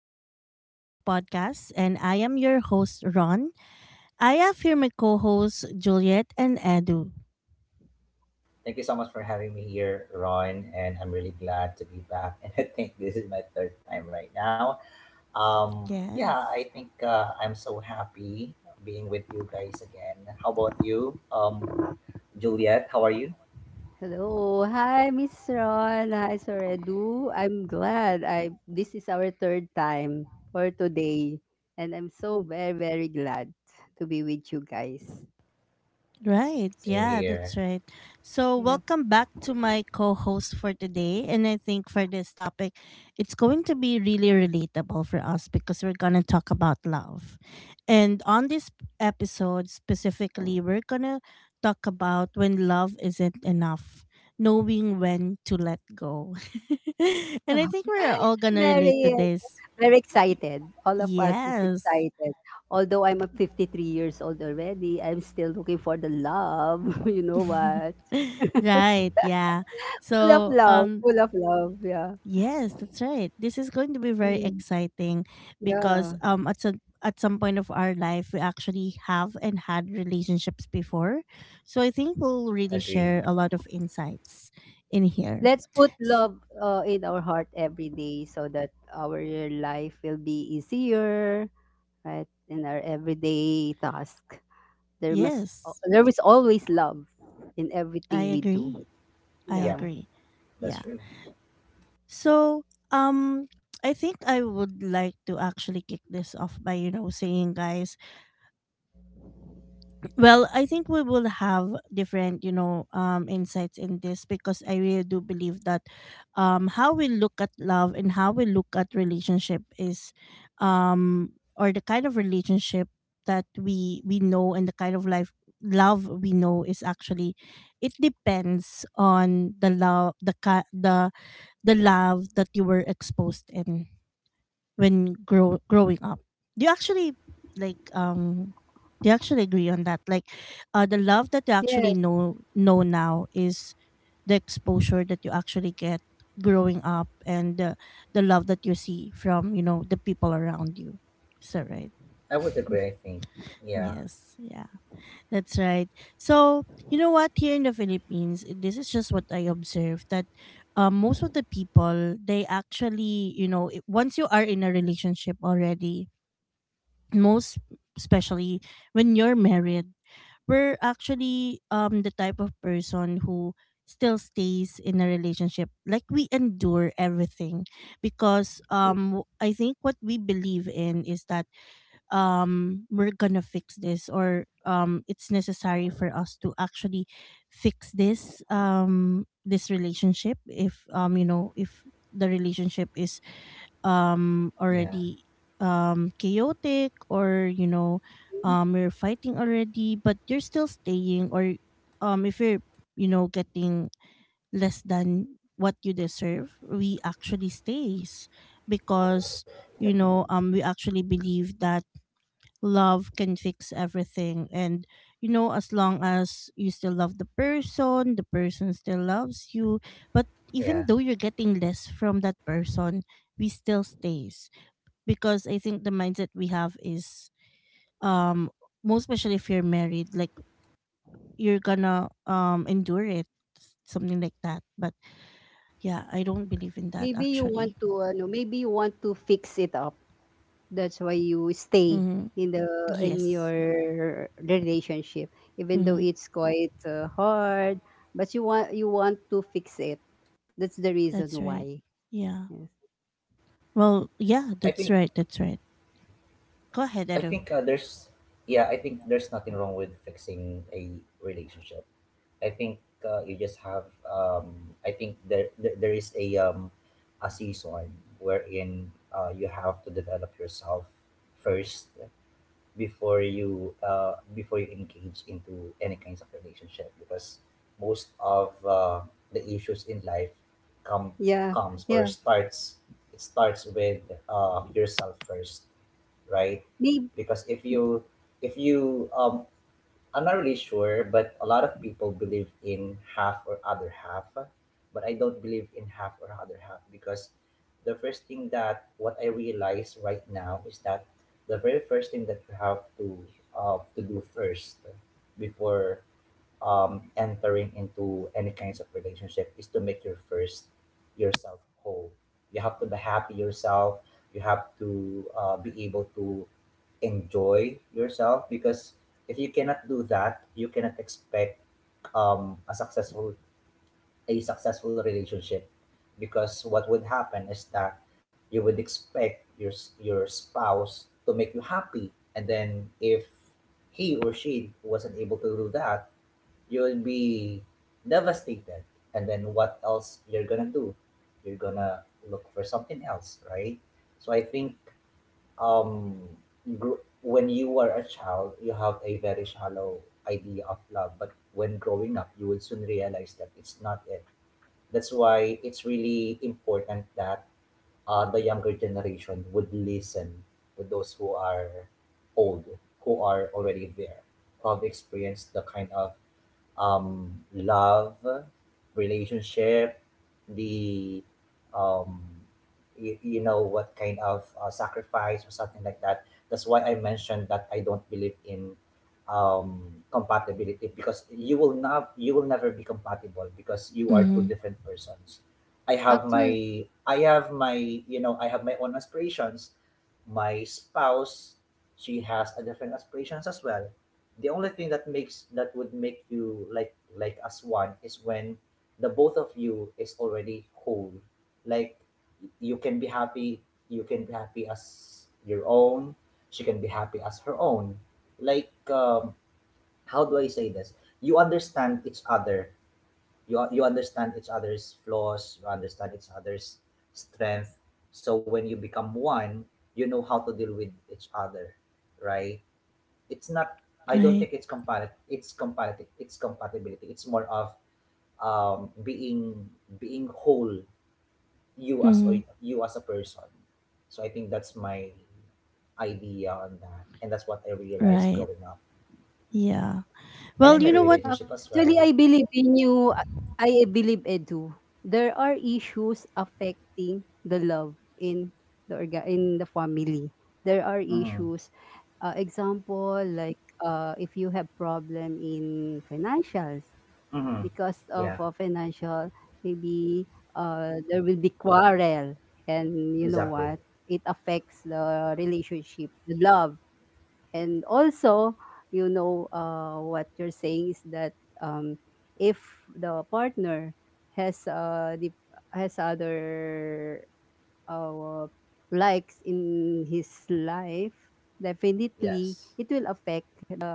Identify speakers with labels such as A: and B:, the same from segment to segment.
A: Unfiltered Growth Podcast, and I am your host, Ron. I have here my co hosts, Juliet and Edu.
B: Thank you so much for having me here, Ron, and I'm really glad to be back. And I think this is my third time right now. Yeah,
A: Yes.
B: I think I'm so happy being with you guys again. How about you, Juliet? How are you?
C: Hello. Hi, Miss Ron. Hi, Sir Edu. I'm glad I this is our third time for today. And I'm so very, very glad to be with you guys.
A: Right.
B: Same
A: Yeah, that's
B: here.
A: right. So,
C: Yeah.
A: welcome back to my co host for today. And I think for this topic, it's going to be really relatable for us because we're going to talk about love. And on this episode specifically, we're going to talk about when love isn't enough, knowing when to let go. And I think we're all going to relate to
C: Very
A: this.
C: very excited. All of us is
A: Yes.
C: excited. Although I'm a 53 years old already, I'm still looking for the love. You know what?
A: Right. Yeah.
C: Full of
A: So,
C: love.
A: um,
C: Full of love. Yeah.
A: Yes, that's right. This is going to be very
C: Mm,
A: exciting
C: yeah.
A: because at some point of our life we actually have and had relationships before. So I think we'll really
B: Agreed.
A: share a lot of insights in here.
C: Let's put
A: S-
C: love in our heart every day so that our life will be easier, right? In our everyday task,
A: Yes,
C: there is always love in
A: I
C: everything we do.
A: agree. I
C: Yeah.
B: Yep,
A: agree. Yeah.
B: that's true.
A: So, um I think I would like to actually kick this off by, you know, saying guys, well, I think we will have different, you know, insights in this because I really do believe that how we look at love and how we look at relationship is, or the kind of relationship that we know and the kind of life love we know is actually, it depends on the the love that you were exposed in when growing up. Do you actually like um do you actually agree on that? Like the love that you
C: Yes.
A: actually know now is the exposure that you actually get growing up, and the love that you see from, you know, the people around you. So right.
B: I would agree, I think. Yeah,
A: Yes, yeah. That's right. So, you know what, here in the Philippines, this is just what I observed, that most of the people, they actually, you know, once you are in a relationship already, most especially when you're married, we're actually the type of person who still stays in a relationship, like we endure everything because I think what we believe in is that we're gonna fix this, or it's necessary for us to actually fix this relationship if um, you know, if the relationship is
B: yeah,
A: already chaotic, or you know you're fighting already but you're still staying, or if you're, you know, getting less than what you deserve, we actually stays because, you know, we actually believe that love can fix everything, and you know as long as you still love the person, the person still loves you, but even
B: yeah.
A: though you're getting less from that person, we still stays because I think the mindset we have is um, most especially if you're married, like you're gonna endure it, something like that. But yeah, I don't believe in that
C: Maybe you want
A: actually.
C: to no, maybe you want to fix it up. That's why you stay
A: Mm-hmm.
C: in the in your
A: Yes,
C: relationship even though
A: mm-hmm,
C: it's quite hard, but you want to fix it. That's the reason
A: that's right.
C: why.
A: Yeah.
C: Yes.
A: Well, yeah,
B: I
A: that's
B: think.
A: right. That's right. Go ahead,
B: I
A: Edo.
B: think there's. Yeah, I think there's nothing wrong with fixing a relationship. I think you just have I think there is a season wherein you have to develop yourself first before you engage into any kinds of relationship, because most of the issues in life come
C: Yeah,
B: comes or
C: yeah.
B: starts it starts with yourself first, right?
C: Maybe
B: Because if you if you um, I'm not really sure, but a lot of people believe in half or other half, but I don't believe in half or other half because the first thing that what I realize right now is that the very first thing that you have to do first before entering into any kinds of relationship is to make your first yourself whole. You have to be happy yourself. You have to be able to enjoy yourself, because if you cannot do that, you cannot expect um, a successful a successful relationship. Because what would happen is that you would expect your your spouse to make you happy, and then if he or she wasn't able to do that, you'll be devastated. And then what else you're gonna do? You're gonna look for something else, right? So I think um, when you were a child, you have a very shallow idea of love. But when growing up, you will soon realize that it's not it. That's why it's really important that the younger generation would listen to those who are old, who are already there, who have experienced the kind of um, love, relationship, the um, you know what kind of sacrifice or something like that. That's why I mentioned that I don't believe in um, compatibility, because you will never be compatible because you are two
A: Mm-hmm.
B: different persons. I have my
C: actually,
B: I have my you know, I have my own aspirations. My spouse, she has a different aspirations as well. The only thing that makes that would make you like as one is when the both of you is already whole. Like, you can be happy, you can be happy as your own, she can be happy as her own. like um, how do I say this? You understand each other, you understand each other's flaws, you understand each other's strength. So when you become one, you know how to deal with each other, right? It's not, I don't
A: Right.
B: think it's compatible it's compatible it's compatibility, it's more of being being whole,
A: Mm-hmm.
B: you as a person. So I think that's my idea on that, and that's what I realized
A: Right.
B: growing up
A: Yeah.
B: and
A: Well,
B: in my
A: you know what?
B: relationship as well.
C: actually, I believe in you. I believe Edu. There are issues affecting the love in in the family. There are
B: Mm-hmm.
C: issues. Example, like if you have problem in financials
B: Mm-hmm.
C: because of
B: Yeah.
C: financial, maybe there will be quarrel, and you know
B: Exactly.
C: what? It affects the relationship, the love. And also, what you're saying is that, um, if the partner has uh, the has other uh, likes in his life, definitely
B: Yes.
C: it will affect the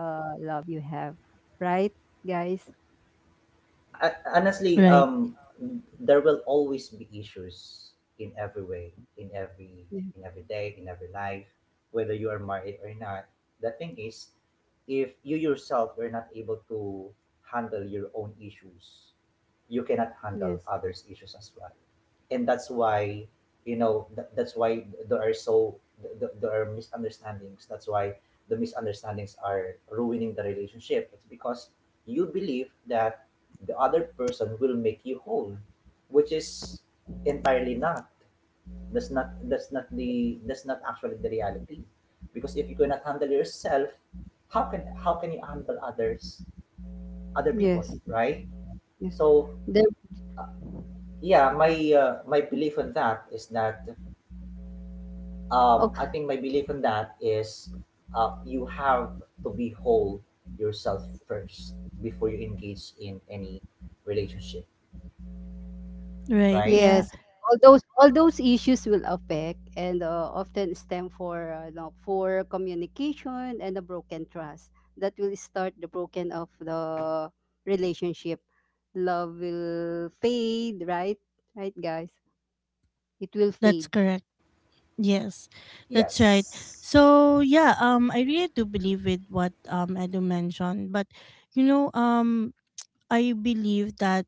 C: love you have, right, guys?
B: I, honestly,
A: Right.
B: there will always be issues in every way, in every
C: Yeah.
B: in every day, in every life, whether you are married or not. The thing is, if you yourself are not able to handle your own issues, you cannot handle
C: Yes.
B: others' issues as well. And that's why, you know, that's why there are so th- th- there are misunderstandings. That's why the misunderstandings are ruining the relationship. It's because you believe that the other person will make you whole, which is entirely not, that's not that's not the that's not actually the reality. Because if you cannot handle yourself, how can you handle others, other
C: Yes.
B: people, right?
C: Yes.
B: So
C: There,
B: uh, yeah, my my belief on that is that
C: okay.
B: I think my belief on that is you have to be whole yourself first before you engage in any relationship,
A: Right.
B: right?
A: Yeah.
C: Yes, all those issues will affect and often stem for, poor communication and a broken trust that will start the broken of the relationship. Love will fade, right? Right, guys? It will
A: That's
C: fade.
A: correct. Yes, that's right.
B: Yes.
A: So yeah, I really do believe with what Edu mentioned, but you know, I believe that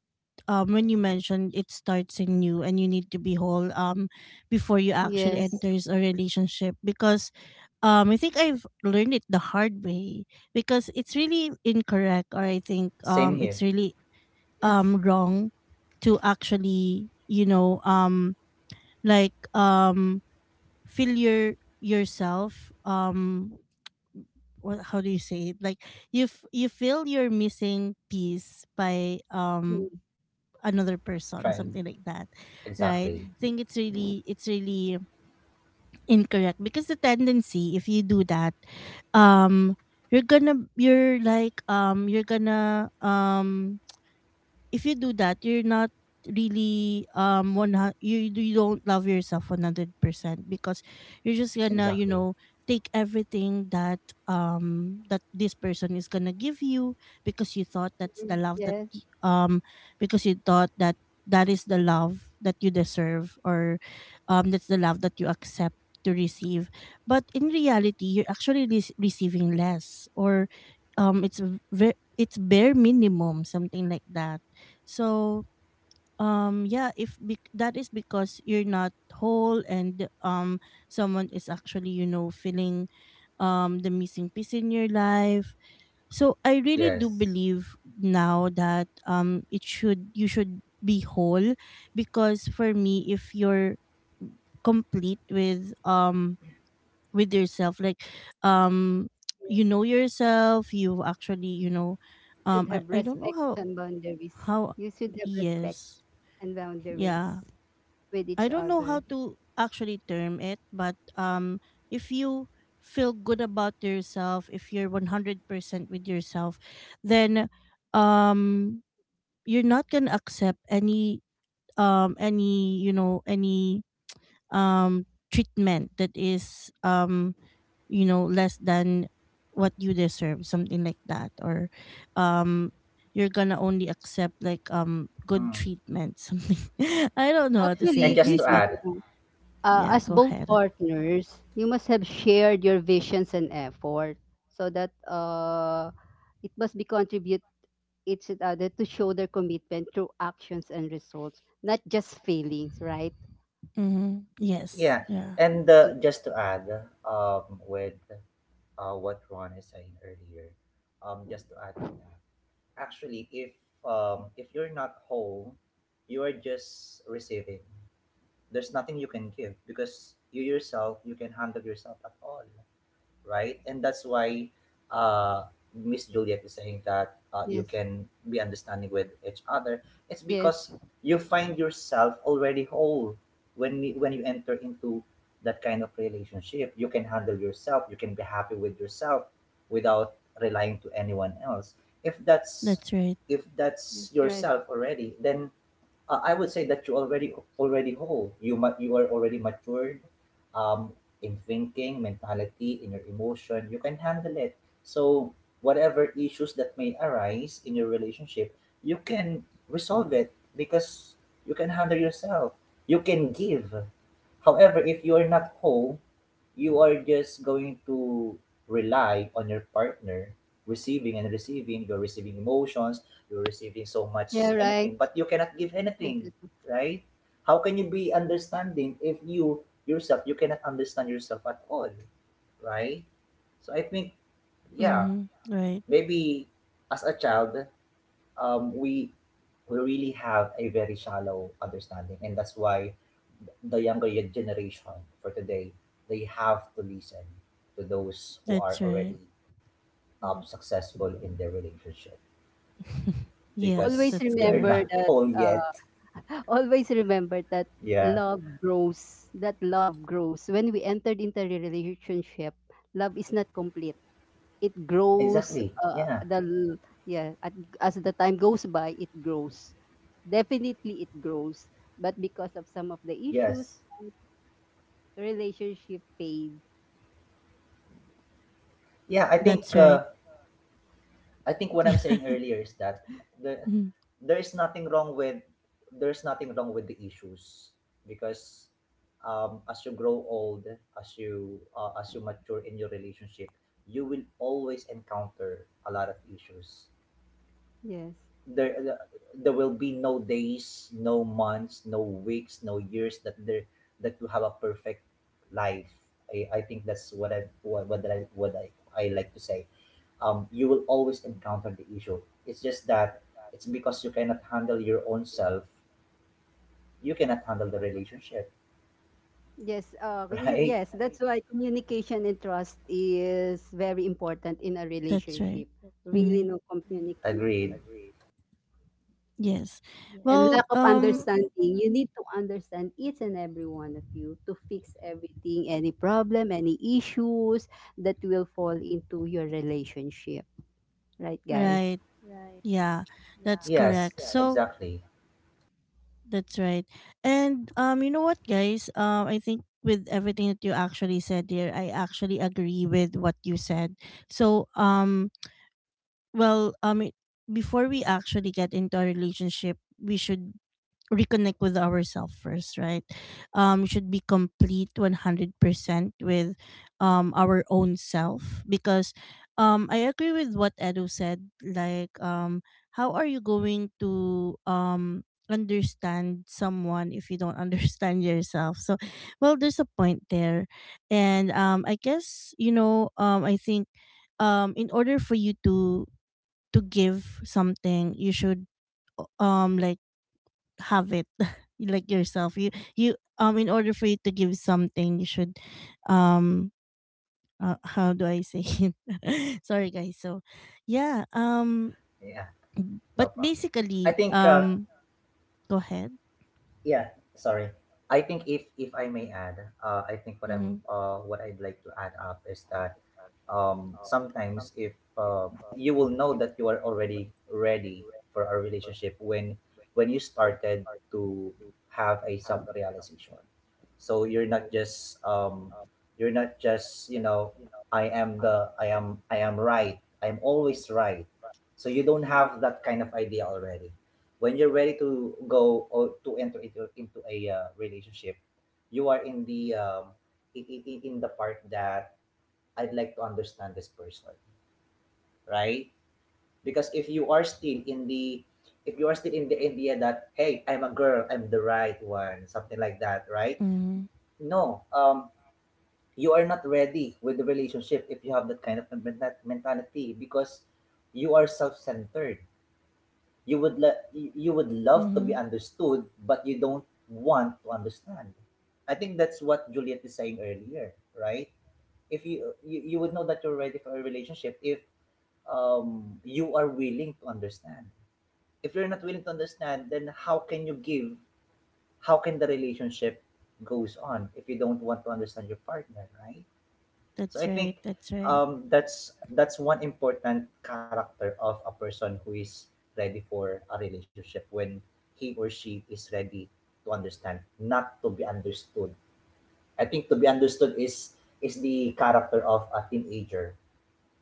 A: when you mentioned it starts in you and you need to be whole before you actually
C: Yes,
A: enters a relationship, because I think I've learned it the hard way, because it's really incorrect, or I think
B: Same
A: it's
B: here.
A: really
C: yes.
A: wrong to actually, you know, like um feel your yourself um, what how do you say it, like you you feel your missing piece by
C: Mm,
A: another person,
B: Trying.
A: something like that, right?
B: Exactly.
A: I
C: yeah.
A: think it's really, incorrect because the tendency, if you do that, um, you're gonna, you're like, um, you're gonna, um, if you do that, you're not really one you you don't love yourself 100% because you're just gonna, you
B: Exactly.
A: know, take everything that that this person is gonna give you because you thought that's
C: Mm,
A: the love that
C: yes.
A: because you thought that that is the love that you deserve, or that's the love that you accept to receive, but in reality you're actually receiving less, or it's it's bare minimum, something like that. So yeah, if that is because you're not whole, and someone is actually, you know, feeling the missing piece in your life. So I really do
B: Yes.
A: believe now that it should, you should be whole because, for me, if you're complete with yourself, like um you know yourself, you actually, you know,
C: You should
A: I,
C: have
A: I don't know
C: respect
A: how
C: and boundaries.
A: how
C: You should have respect
A: yes,
C: and boundaries
A: yeah,
C: with each
A: I don't know
C: other.
A: how to actually term it, but if you feel good about yourself, if you're 100% with yourself, then um, you're not gonna accept any um, any, you know, any treatment that is um, you know, less than what you deserve, something like that, or um you're gonna only accept like good
B: Mm.
A: treatment something, I don't know how to say
B: And
C: Actually,
A: it,
B: just
C: you
A: guys,
B: to
C: should.
A: but
B: add,
C: uh,
A: yeah,
C: as
A: go
C: both
A: ahead.
C: partners, you must have shared your visions and effort so that, it must be contribute each other to show their commitment through actions and results, not just feelings, right?
A: Mm-hmm. Yes.
B: yeah,
A: Yeah.
B: and
C: Uh,
B: just to add, with what Ron is saying earlier, just to add on that, actually, if you're not whole, you are just receiving. There's nothing you can give because you yourself you can handle yourself at all, right? And that's why uh, Miss Juliet is saying that you
C: yes,
B: can be understanding with each other. It's
C: yes,
B: because you find yourself already whole when when you enter into that kind of relationship. You can handle yourself. You can be happy with yourself without relying to anyone else. If that's
A: That's right.
C: yes, right.
B: yourself already, then I would say that you already already whole. You are already matured, um, in thinking, mentality, in your emotion. You can handle it. So whatever issues that may arise in your relationship, you can resolve it because you can handle yourself. You can give. However, if you are not whole, you are just going to rely on your partner, receiving and receiving. You're receiving emotions, you're receiving so much
C: Yeah, right.
B: anything, but you cannot give
C: Right,
B: anything,
C: right, right.
B: right? How can you be understanding if you yourself you cannot understand yourself at all, right? So I think, yeah,
A: Mm-hmm. Right.
B: maybe as a child, um we we really have a very shallow understanding, and that's why the younger generation for today, they have to listen to those who are
A: That's right.
B: already
C: Yes.
B: successful in their relationship,
A: Yes,
C: Always
B: because
A: that's
B: they are
A: correct.
B: not
C: remember that.
B: whole yet.
C: Uh, always remember that
B: Yeah,
C: love grows. That love grows when we entered into a relationship. Love is not complete, it grows.
B: exactly.
C: uh,
B: Yeah,
C: the l- yeah, as the time goes by it grows, definitely it grows, but because of some of the issues
B: yes.
C: relationship fade.
B: Yeah,
C: Yep.
A: That's right.
B: I think what I'm saying earlier is that the
A: Yeah,
B: there's nothing wrong with, there's nothing wrong with the issues, because as you grow old, as you mature in your relationship, you will always encounter a lot of issues.
C: Yes,
B: there there will be no days, no months, no weeks, no years that there that you have a perfect life. I think that's what I like to say. You will always encounter the issue. It's just that it's because you cannot handle your own self. You cannot handle the relationship,
C: yes,
B: right?
C: yes, that's why communication and trust is very important in a
A: that's right.
C: relationship, really.
A: Mm-hmm.
C: No communication.
B: Agreed.
A: Yes.
C: Yes. And
A: Well,
C: lack of
A: um,
C: understanding. You need to understand each and every one of you to fix everything, any problem, any issues that will fall into your relationship. Right, guys?
A: right. Yeah. That's
B: Yes,
A: correct. So,
B: exactly.
A: that's right. And um, you know what, guys? I think with everything that you actually said there, I actually agree with what you said. So, um, well before we actually get into a relationship, we should reconnect with ourselves first, right? Um we should be complete 100% with our own self, because I agree with what Edo said, like how are you going to understand someone if you don't understand yourself? So well, there's a point there. And I guess, you know, I think in order for you to give something, you should like have it like yourself. You in order for you to give something, you should um, how do I say it? Sorry, guys. So yeah,
B: Yeah, no
A: but
B: problem. I
A: basically
B: think
A: go ahead.
B: yeah, sorry, I think if I may add, I think
A: Mhm.
B: what I'd like to add up is that sometimes if you will know that you are already ready for a relationship when you started to have a self-realization. So you're not just you're not just, you know, I am I am right, I'm always right. So you don't have that kind of idea already when you're ready to go or to enter into a relationship. You are in the in the part that I'd like to understand this person, right? Because if you are still in the, if you are still in the idea that, hey, I'm a girl I'm the right one, something like that, right?
A: Mhm.
B: No, you are not ready with the relationship if you have that kind of mentality, because you are self-centered. You would le- you would love to be
A: Mhm.
B: understood, but you don't want to understand. I think that's what Juliet is saying earlier, right? If you would know that you're ready for a relationship if you are willing to understand. If you're not willing to understand, then how can you give? How can the relationship goes on if you don't want to understand your partner, right? So
A: That's
B: I
A: right.
B: think
A: That's right.
B: that's one important character of a person who is ready for a relationship, when he or she is ready to understand, not to be understood. I think to be understood is the character of a teenager.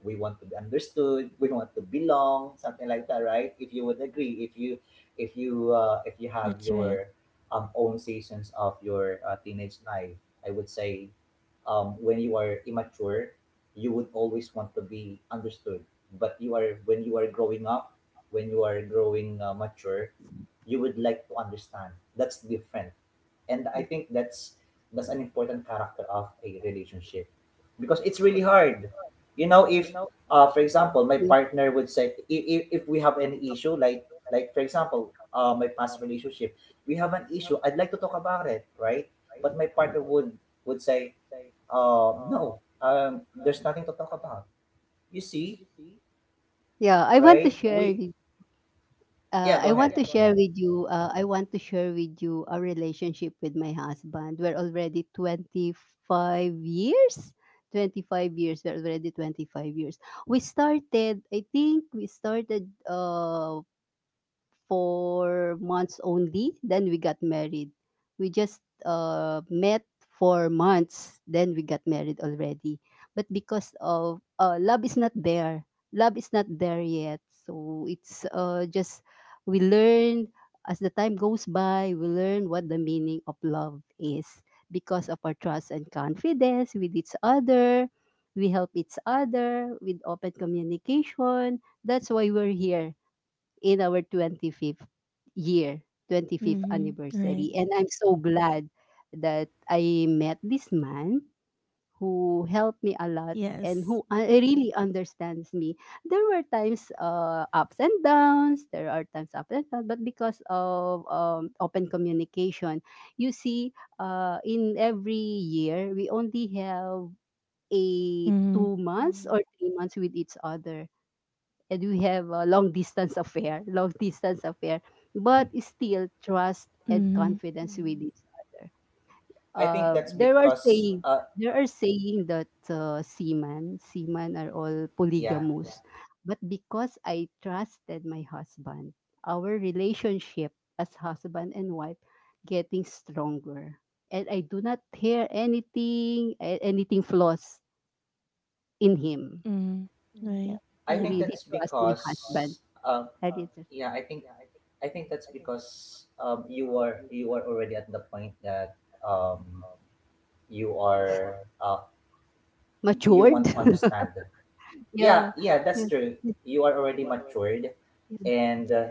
B: We want to be understood, we want to belong, something like that, right? If you would agree, if you if you if you have
A: That's right.
B: your own seasons of your teenage life, I would say when you are immature, you would always want to be understood. But you are when you are growing up, when you are growing mature, you would like to understand. That's different. And I think that's an important character of a relationship, because it's really hard, you know? If for example, my
C: Yeah,
B: partner would say, if we have any issue, like for example my past relationship, we have an issue, I'd like to talk about it, right? But my partner would say, uh, no, um, there's nothing to talk about. You see,
C: yeah.
B: right? We yeah, go
C: I want
B: ahead,
C: Yeah, to go ahead. Share
B: yeah.
C: ahead. With you I want to share with you a relationship with my husband. We're already 25 years. 25 years. We're already 25 years. We started I think we started, for months only. Then we got married. We just, met for months. Then we got married already. But because of, love is not there yet. So it's, just we learn as the time goes by. We learn what the meaning of love is, because of our trust and confidence with each other. We help each other with open communication. That's why we're here in our 25th year, 25th
A: Mhm. Right.
C: anniversary. And I'm so glad that I met this man who helped me a lot and
A: Yes.
C: who, really understands me. There are times ups and downs, but because of, open communication, you see, in every year, we only have a
A: Mm-hmm.
C: 2 months or 3 months with each other, and we have a long distance affair, but still trust and
A: Mm-hmm.
C: confidence with each other.
B: I think
C: I
B: that's because uh,
C: there are saying that, seamen are all
B: yeah,
C: polygamous, but because I trusted my husband, our relationship as husband and wife getting stronger, and I do not hear anything, anything flaws in him.
A: Mm-hmm.
C: Mm. Yeah,
A: Right.
B: I
C: I
B: think
A: Yeah.
C: really
B: that's
C: trust my husband.
B: because um,
C: I really
B: yeah, I think I think that's because you are already at the point that um, you are uh, you
C: matured.
B: want to understand. Yeah,
C: Yeah.
B: yeah, that's
C: Yes.
B: true. You are already matured,
C: Yes. Yes.
B: and uh,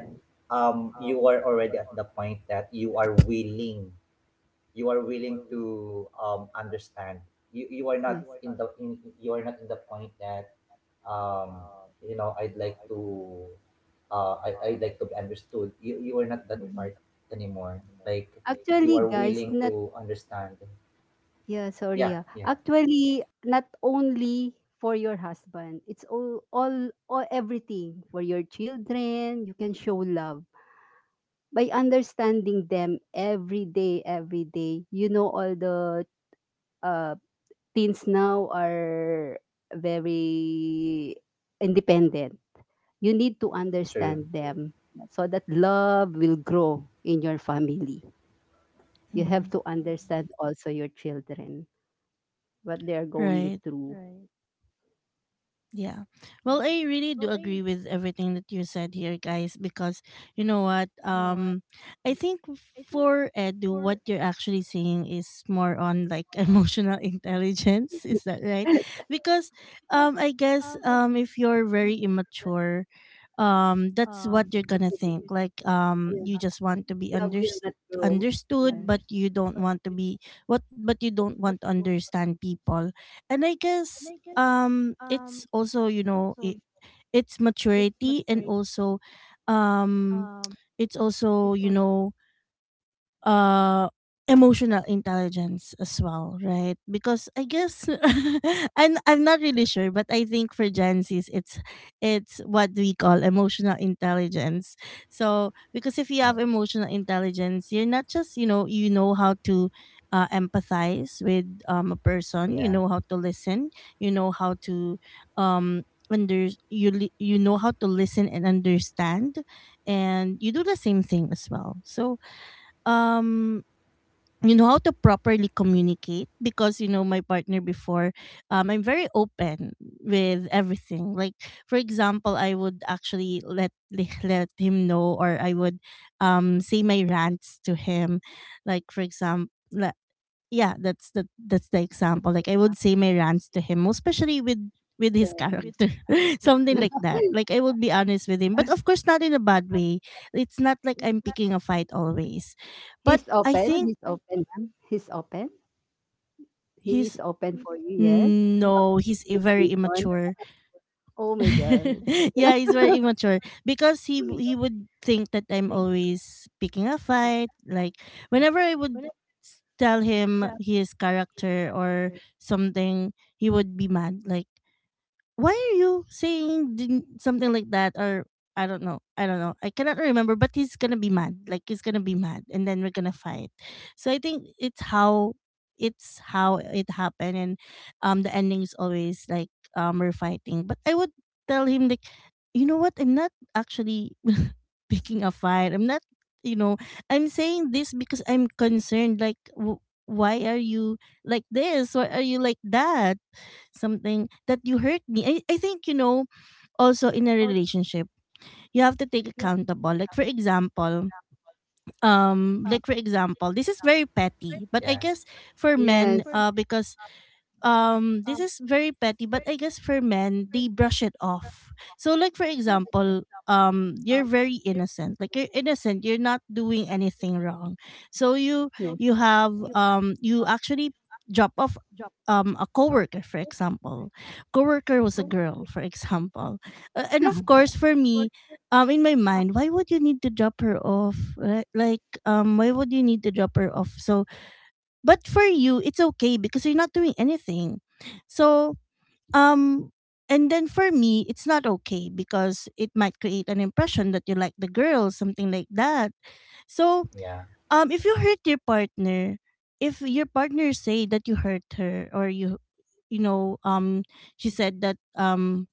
B: um, you are already at the point that you are willing, you are willing to understand. You are
C: Right.
B: not in the you are not in the point that um you know, I'd like to I'd like to be understood. You are not that part anymore, like you
C: Actually,
B: are
C: guys,
B: willing
C: not not
B: to understand.
C: yeah, sorry.
B: Yeah,
C: Yeah.
B: yeah,
C: Actually, not only for your husband. It's all, everything for your children. You can show love by understanding them every day, every day. You know all the uh teens now are very independent. You need to
B: true.
C: understand them so that love will grow in your family. You have
A: Mm-hmm.
C: to understand also your children, what they are going
A: Right.
C: through.
A: Yeah. Well, I really do agree with everything that you said here, guys, because you know what? I think for Edu, what you're actually saying is more on like emotional intelligence. Is that right?
C: Right.
A: Because I guess if you're very immature, that's what you're gonna think. Like you just
C: Yeah.
A: want to be
C: Love will not grow.
A: understood,
C: Yeah.
A: but you don't want to be what, but you don't want to understand people. And I guess it's also, you know, it's maturity, and also um it's also, you know, uh, emotional intelligence as well, right? Because I guess and I'm not really sure, but I think for Gen Z's it's what we call emotional intelligence. So because if you
B: Mm,
A: have emotional intelligence, you're not just, you know how to empathize with a person, you
B: yeah,
A: know how to listen, you know how to um under, you you know how to listen and understand, and you do the same thing as well. So um you know how to properly communicate because, you know, my partner before um, I'm very open with everything. Like for example, I would actually let let him know, or I would say my rants to him, like for example, yeah, that's the, that's the example, like I would say my rants to him, especially with his
C: Yes.
A: character something like that,
C: Yes.
A: like I would be honest with him, but of course not in a bad way. It's not like I'm picking a fight always, but
C: He's
A: I
C: open.
A: think
C: He's open, ma'am. He's open. He is
A: he's,
C: open for you. Yes.
A: no, he's very
C: Communication.
A: immature.
C: Oh my God.
A: Yeah, he's very immature, because he he would think that I'm always picking a fight. Like whenever I would tell him his character or something, he would be mad. Like, why are you saying din- something like that, or I don't know, I don't know, I cannot remember, but he's gonna be mad. Like he's gonna be mad, and then we're gonna fight. So I think it's how, it's how it happened, and the ending is always like we're fighting. But I would tell him like, you know what? I'm not actually picking a fight. I'm not. You know, I'm saying this because I'm concerned. Like, why are you like this? Why are you like that? Something that you hurt me. I think, you know, also in a relationship, you have to take accountable. Like for example, this is very petty, but I
B: yeah,
A: guess for men,
C: Yes.
A: because this is very petty, but I guess for men they brush it off. So like for example, you're very innocent, like you're innocent, you're not doing anything wrong. So you
C: Yes.
A: you have you actually drop off a coworker, for example. Coworker was a girl, for example. And of course, for me, in my mind, why would you need to drop her off, right? Like why would you need to drop her off? So but for you, it's okay because you're not doing anything. So, um, and then for me, it's not okay because it might create an impression that you like the girl, something like that. So,
B: yeah,
A: if you hurt your partner, if your partner say that you hurt her or you, you know, um, she said that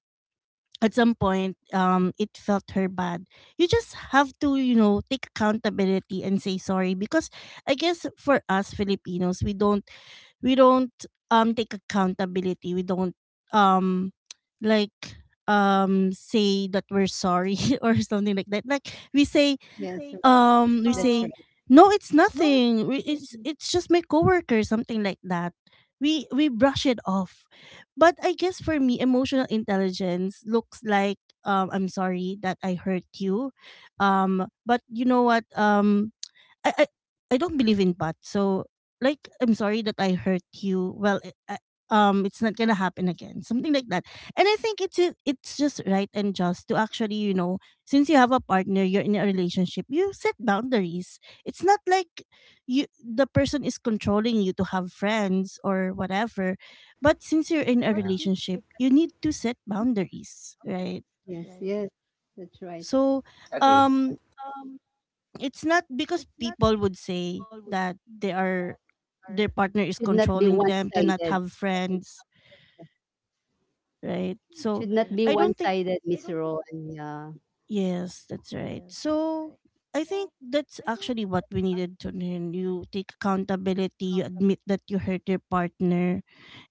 A: at some point it felt her bad. You just have to, you know, take accountability and say sorry. Because I guess for us Filipinos, we don't take accountability, we don't um like say that we're sorry or something like that. Like we say,
C: Yes.
A: we
C: Right. That's right.
A: say no, it's nothing. It's just my coworker, something like that. We brush it off. But I guess for me, emotional intelligence looks like, I'm sorry that I hurt you. But you know what? I, I I don't believe in pot. So like I'm sorry that I hurt you. Well, I, it's not going to happen again. Something like that. And I think it's it's just right and just to actually, you know, since you have a partner, you're in a relationship, you set boundaries. It's not like you, the person is controlling you to have friends or whatever. But since you're in a
B: yeah,
A: relationship, you need to set boundaries, right?
C: Yes. Yes. That's right.
A: So,
B: agreed.
A: um it's not because people would say that they are their partner is
C: Should not your be
A: controlling them to not
C: one-sided.
A: have friends, right? So
C: Should not be
A: I don't think,
C: one-sided, I Miss Rowan. Yeah.
A: yes, that's right. So I think that's actually what we needed to learn. You take accountability, you admit that you hurt your partner,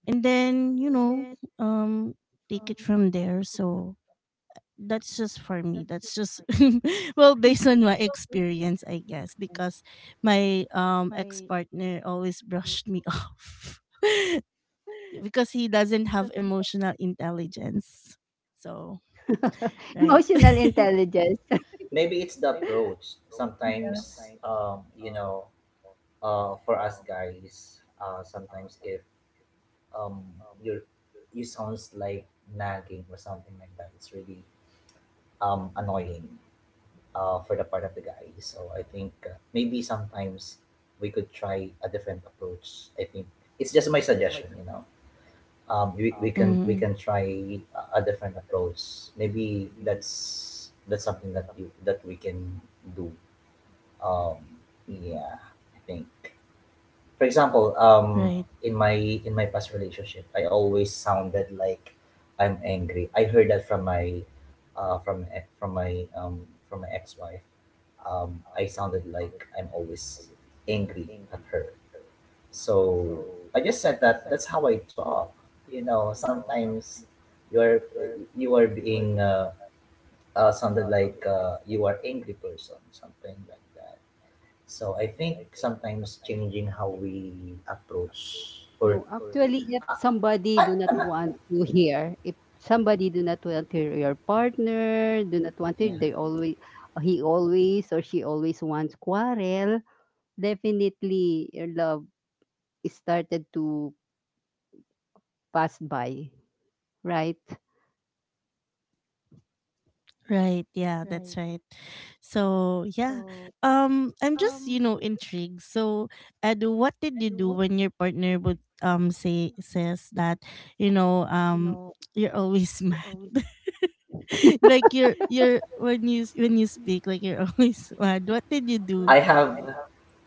A: and then, you know, um take it from there. So that's just for me, that's just well, based on my experience, I guess, because my ex-partner always brushed me off because he doesn't have emotional intelligence. So right.
C: Emotional intelligence.
B: Maybe it's the approach sometimes. Um, you know, uh, for us guys, uh, sometimes if um, you you sounds like nagging or something like that, it's really um, annoying uh, for the part of the guy. So I think, maybe sometimes we could try a different approach. I think it's just my suggestion, you know? Um, we can we
A: Hmm.
B: can try a different approach. Maybe that's something that you that we can do. Um, yeah, I think for example,
A: Right.
B: in my in my past relationship, I always sounded like I'm angry. I heard that from my from my from my ex-wife. I sounded like I'm always angry at her. So I just said that that's how I talk. You know, sometimes you are you are being sounded like, you are angry person, something like that. So I think sometimes changing how we approach or
C: No, actually,
B: I'm not,
C: if somebody do not want to hear your partner, do not want
B: yeah.
C: to, they always, he always or she always wants quarrel, definitely your love is started to pass by, right?
A: Right. Yeah, that's right. So yeah, I'm just, you know, intrigued. So Ed, what did you do when your partner would say says that, you know um you're always like you're when you when you speak, like you're always mad. What did you do?
B: I have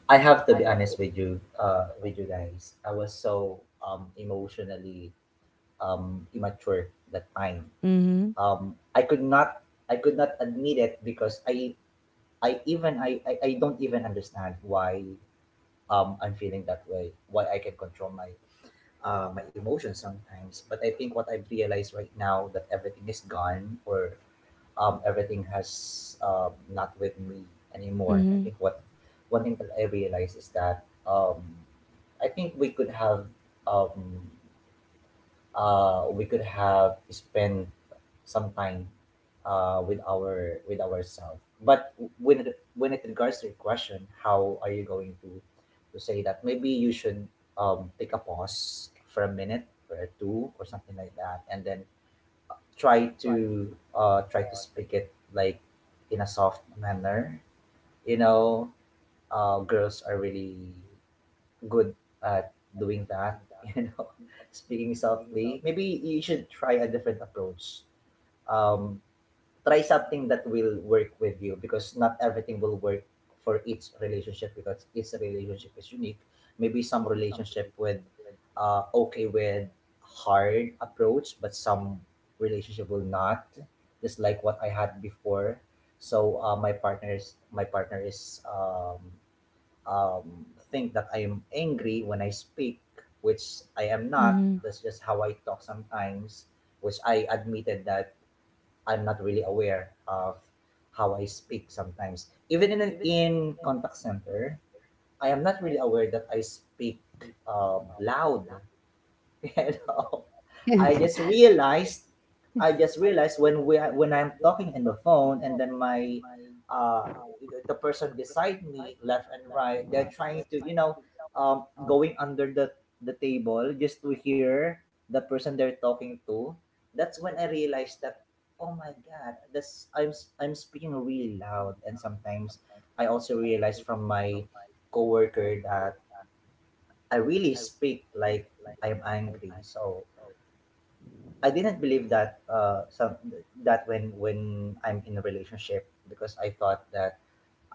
B: I have to be honest with you, uh, with you guys. I was so um, emotionally um, immature that time.
A: Mhm.
B: Um, I could not, I could not admit it, because I don't even understand why um, I'm feeling that way, why I can control my my emotions sometimes. But I think what I've realized right now, that everything is gone, or everything has not with me anymore. I
A: Mhm.
B: think what one thing that I realized is that um, I think um, we could have spent some time with our with ourselves. But when it regards to your question, how are you going to say that? Maybe you should take a pause for a minute or two or something like that, and then try to try to speak it like in a soft manner, you know? Uh, girls are really good at doing that. You know, speaking softly. Maybe you should try a different approach. Um, try something that will work with you, because not everything will work for each relationship, because each relationship is unique. Maybe some relationship with uh, okay with hard approach, but some relationship will not. Just like what I had before. So my partners my partner is um, think that I am angry when I speak, which I am not.
A: Mhm.
B: That's just how I talk sometimes, which I admitted that I'm not really aware of how I speak sometimes. Even in in contact center, I am not really aware that I speak uh, loud. You know, I just realized, I just realized when I'm talking in the phone, and then my uh, the person beside me left and right, they're trying to, you know, um, going under the table, just to hear the person they're talking to. That's when I realized that, oh my god, this I'm speaking really loud. And sometimes I also realize from my coworker that I really speak like I'm angry. So I didn't believe that some that when I'm in a relationship, because I thought that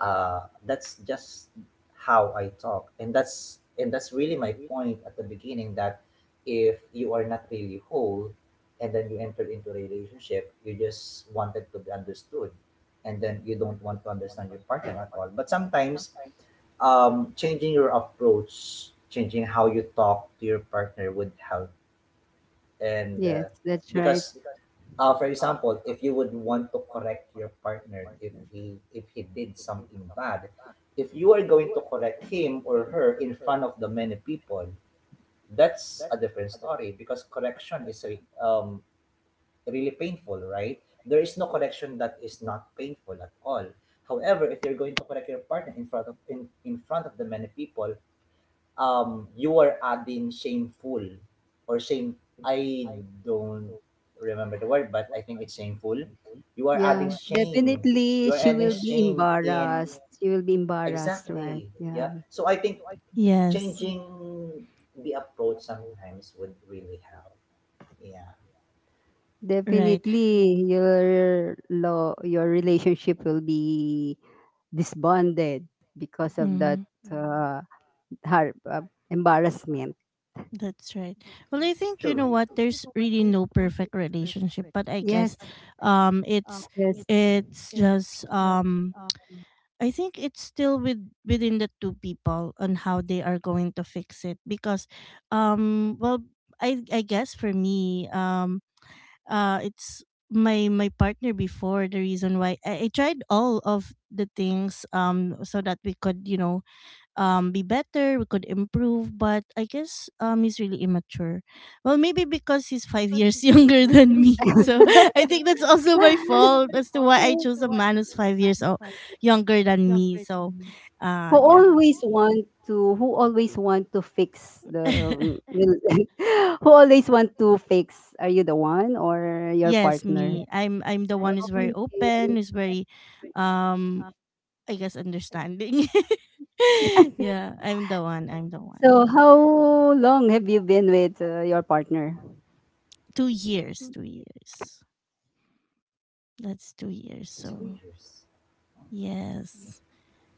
B: uh that's just how I talk. And that's, and that's really my point at the beginning, that if you are not really whole and then you enter into a relationship, you just wanted to be understood, and then you don't want to understand your partner at all. But sometimes changing your approach, changing how you talk to your partner would help. And
C: Yes, that's right.
B: because for example, if you would want to correct your partner, if he did something bad, if you are going to correct him or her in front of the many people, that's a different story, because correction is really painful, right? There is no correction that is not painful at all. However, if you're going to correct your partner in front of in front of the many people, um, you are adding shameful or shame, I don't remember the word, but I think it's shameful. You are
C: Yeah,
B: adding shame, you
C: definitely
B: are
C: she
B: adding
C: will be
B: shame in
C: embarrassed. She will be embarrassed, right?
B: exactly, yeah.
C: Yeah.
B: So I think
A: Yes.
B: changing the approach sometimes would really help. Yeah,
A: Right.
C: Definitely, your relationship will be disbanded because of that,
A: Mhm.
C: uh, har- uh, embarrassment.
A: That's right. Well, I think, you
B: true.
A: know what, there's really no perfect relationship, but I
C: Yes,
A: guess um it's
C: yes.
A: it's just I think it's still with within the two people on how they are going to fix it. Because well, I guess for me, it's my my partner before, the reason why I tried all of the things so that we could, you know, be better, we could improve. But I guess he's really immature. Well, maybe because he's 5 years younger than me. So
C: I
A: I think that's also my fault as to why I chose a man who's 5 years younger than me. So
C: who,
A: yeah.
C: always want to fix the, who always want to fix, are you the one or your
A: Yes,
C: partner?
A: me. I'm the one who's very open, who's very um I guess understanding. Yeah, I'm the one. I'm the one.
C: So how long have you been with, your partner?
A: 2 years, 2 years. That's 2 years.
B: two
A: So
B: years
A: yes,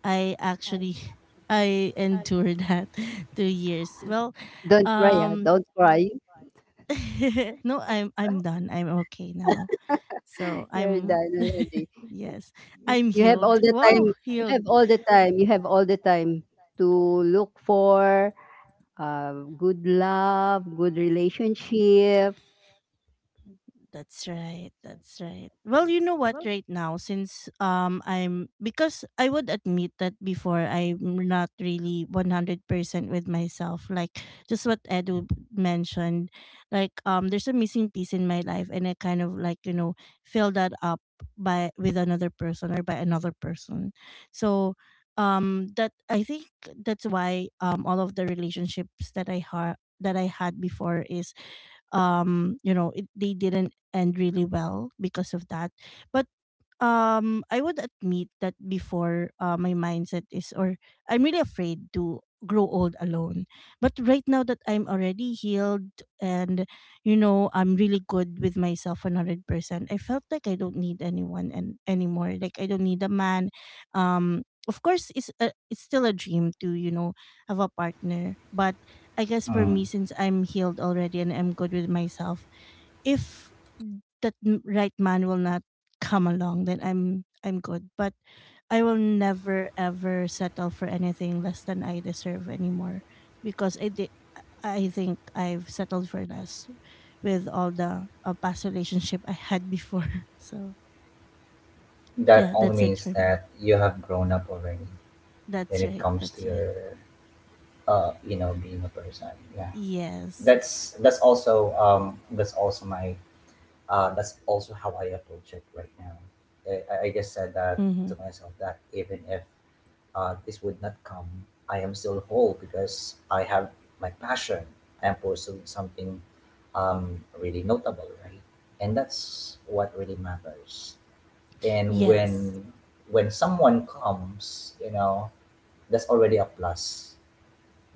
A: I actually I endured that 2 years. Well,
C: Don't cry,
A: um,
C: don't cry.
A: no, I'm done. I'm okay now. So
C: you're So,
A: I'm
C: done already?
A: yes, I'm
C: You have all
A: healed.
C: the time.
A: Wow,
C: You have
A: healed.
C: all the time. You have all the time to look for, uh, good love, good relationship.
A: That's right. That's right. Well, you know what, right now, since I'm, because I would admit that before, I'm not really 100% with myself, like just what Edu mentioned. Like there's a missing piece in my life and I kind of like, you know, fill that up by with another person or by another person. So that, I think that's why all of the relationships that I had before is, you know, it, they didn't and really well because of that. But I would admit that before, my mindset is, or I'm really afraid to grow old alone. But right now that I'm already healed and, you know, I'm really good with myself 100%, I felt like I don't need anyone and anymore. Like I don't need a man. Of course it's a, it's still a dream to, you know, have a partner, but I guess for
B: mm.
A: me, since I'm healed already and I'm good with myself, if right man will not come along, then I'm good. But I will never ever settle for anything less than I deserve anymore, because I did. I think I've settled for less with all the past relationship I had before. So
B: That
A: yeah,
B: only
A: that's it
B: means
A: for me.
B: that you have grown up already, when
A: That's
B: it
A: right.
B: comes to
A: That's right.
B: your uh, you know, being a person, yeah.
A: Yes.
B: That's that's also that's also my uh, that's also how I approach it right now. I I just said that
A: Mm-hmm.
B: to myself, that even if this would not come, I am still whole, because I have my passion. I am pursuing something um, really notable, right? And that's what really matters. And
A: Yes.
B: when someone comes, you know, that's already a plus.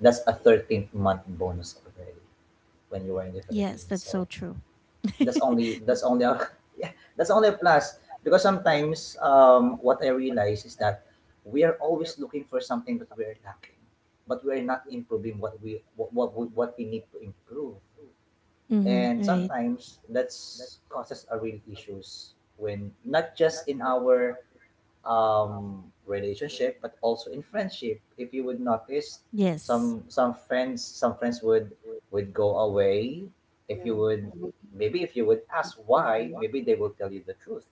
B: That's a 13th month bonus already when you are in the
A: Yes.
B: Philippines.
A: That's
B: So
A: so true.
B: that's only, that's only a, yeah, that's only a plus, because sometimes what I realize is that we are always looking for something that we're lacking, but we're not improving what we what we need to improve.
A: Mm-hmm.
B: And
A: Right.
B: sometimes that's causes a real issues, when not just in our um, relationship, but also in friendship. If you would notice,
A: Yes.
B: some some friends would go away. If you would, maybe if you would ask
C: Mm.
B: why, maybe they will tell you the truth,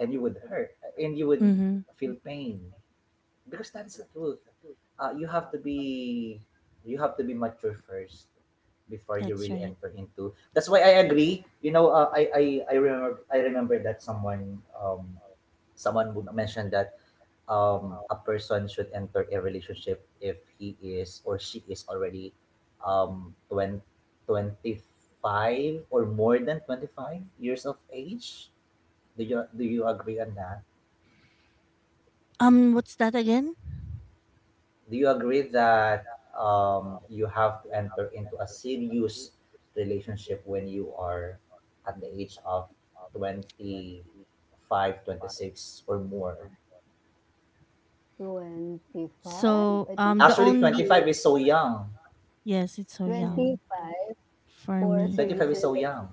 B: and you would hurt, and you would
A: Mm-hmm.
B: feel pain, because that is the truth. You have to be, you have to be mature first before you
A: That's
B: really
A: right.
B: enter into. That's why I agree. You know, uh, I I remember, I remember that someone, um, would mention that a person should enter a relationship if he is or she is already 20, 25 or more than 25 years of age. Do you agree on that?
A: What's that again?
B: Do you agree that you have to enter into a serious relationship when you are at the age of 25, 26 or more?
C: 25?
A: So,
C: I think So,
A: the
B: Actually,
C: it's
A: only
B: 25 is so young.
A: yes, it's
C: yeah.
A: so young
C: 25
A: for
C: for a
A: me.
C: serious,
B: 25 is so
C: Relationship.
B: young.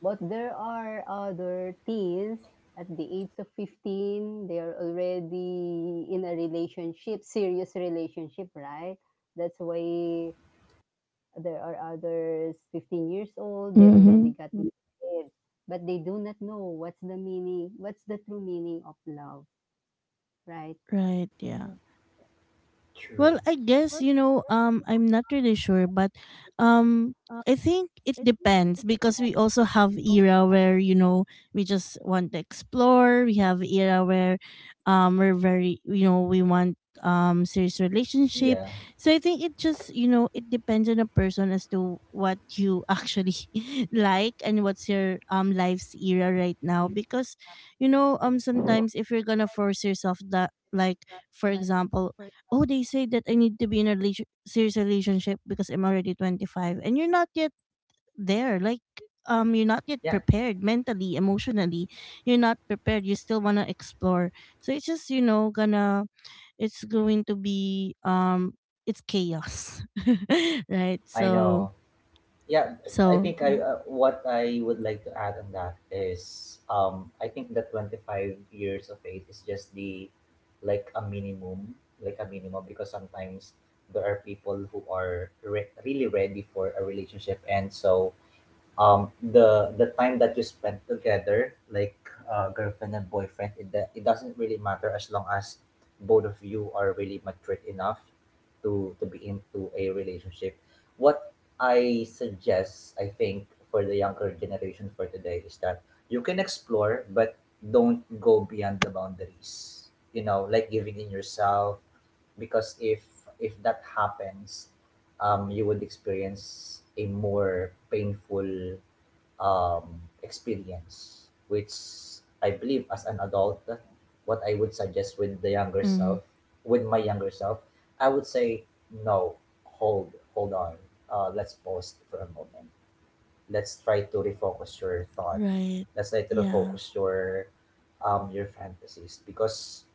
C: But there are other teens at the age of 15, they are already in a relationship, serious relationship, right? That's why there are others, 15 years old they already
A: Mm-hmm.
C: got married, but they do not know what's the true meaning of love, right?
A: Right? Yeah.
B: True.
A: Well, I guess, you know, I'm not really sure, but um, I think it depends because we also have era where, you know, we just want to explore. We have era where, we're very, you know, we want serious relationship.
B: Yeah.
A: So I think it just, you know, it depends on a person as to what you actually like and what's your life's era right now. Because, you know, sometimes if you're gonna force yourself that, like for example, oh, they say that I need to be in a serious relationship because I'm already 25 and you're not yet there. Like, you're not yet
B: Yeah,
A: prepared mentally, emotionally. You're not prepared. You still want to explore. So it's just, you know, gonna, it's going to be, it's chaos. Right?
B: I
A: So,
B: know. Yeah, I
A: so
B: think I
A: yeah.
B: what I would like to add on that is um, I think the 25 years of age is just the like a minimum, like a minimum, because sometimes there are people who are really ready for a relationship. And so um, the time that you spend together, like girlfriend and boyfriend, it doesn't really matter, as long as both of you are really matured enough to be into a relationship. What I suggest, I think, for the younger generation for today, is that you can explore, but don't go beyond the boundaries, you know, like giving in yourself, because if that happens, um, you would experience a more painful um, experience, which I believe, as an adult, what I would suggest with the younger
A: Hmm.
B: self, with my younger self, I would say no, hold, hold on, let's pause for a moment. Let's try to refocus your thought.
A: Right.
B: Let's try to
A: Yeah.
B: refocus your um, your fantasies. Because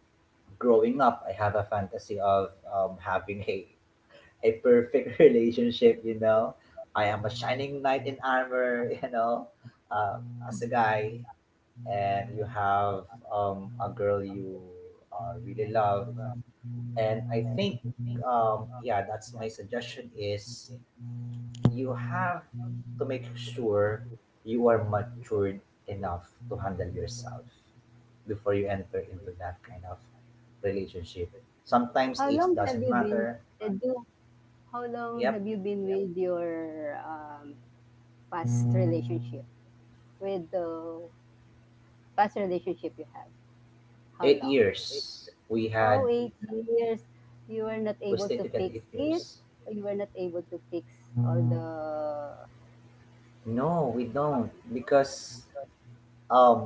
B: growing up, I have a fantasy of um, having a perfect relationship, you know. I am a shining knight in armor, you know, uh, as a guy, and you have a girl you really love. And I think yeah, that's my suggestion, is you have to make sure you are matured enough to handle yourself before you enter into that kind of relationship.
C: how
B: Sometimes
C: long
B: age
C: have you
B: doesn't
C: been
B: matter.
C: uh, do, how long have you
B: Yep,
C: been with your, um, past relationship with the past relationship you have, how
B: eight
C: long?
B: years we
C: Oh,
B: had,
C: 8 years. You were not able
B: we
C: to
B: stayed
C: fix
B: together eight
C: it?
B: years
C: You were not able to fix all the
B: No, we don't, because um,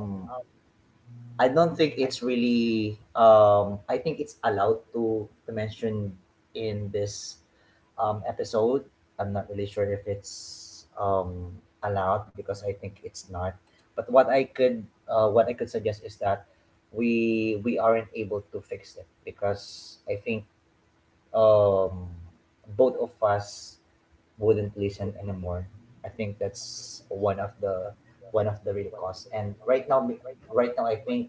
B: I don't think it's really um, I think it's allowed to mention in this um, episode. I'm not really sure if it's um, allowed, because I think it's not. But what I could what I could suggest is that we aren't able to fix it, because I think um, both of us wouldn't listen anymore. I think that's one of the real cause. And right now, right now, I think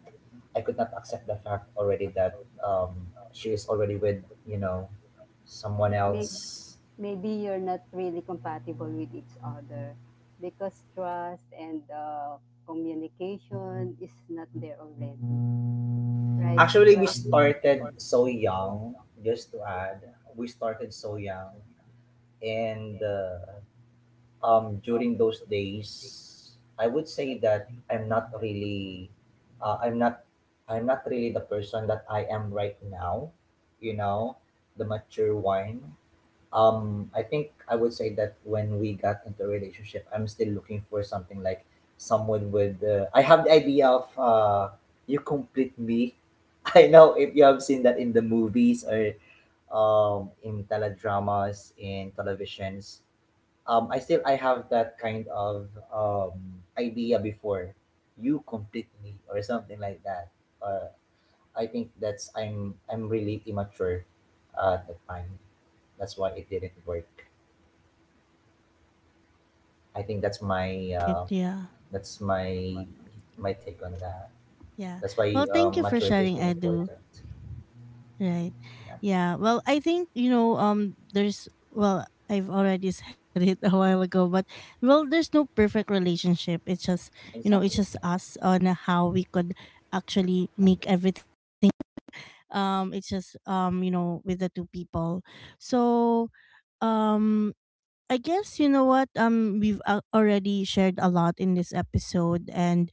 B: I could not accept the fact already that she is already with, you know, someone
C: make
B: else.
C: maybe you're not really compatible with each other, because trust and, communication is not there already, right?
B: Actually, we
C: Right?
B: started so young. Just to add, we started so young. And uh, during those days, I would say that I'm not really I'm not, I'm not really the person that I am right now, you know, the mature one. Um, I think I would say that when we got into a relationship, I'm still looking for something, like someone with I have the idea of you complete me. I know if you have seen that in the movies, or um, in teledramas in televisions. I still, I have that kind of um, idea before. You complete me, or something like that. Uh, I think that's, I'm really immature at that time. That's why it didn't work. I think
A: Right. Yeah.
B: that's my my take on that.
A: Yeah.
B: That's
A: Well,
B: why
A: thank you for
B: maturity
A: sharing,
B: is really
A: Edu.
B: important.
A: Right.
B: Yeah,
A: Yeah. Well, I think, you know, there's, well, I've already said it a while ago, but well, there's no perfect relationship. It's just, you know,
B: exactly.
A: it's just
B: Yeah,
A: us on how we could actually
B: Hamdan.
A: make everything work. It's just, you know, with the two people. So, um I guess you know what, we've already shared a lot in this episode. And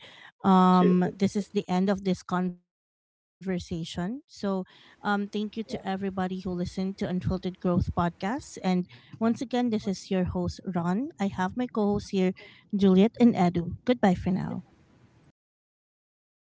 B: Sure.
A: this is the end of this conversation. So thank you to everybody who
B: Yeah.
A: listened to Unfiltered Growth podcast. And once again, this is your host Ron. I have my co-hosts here, Juliet and Edu. Goodbye for now.
B: Bye bye.
C: Diba?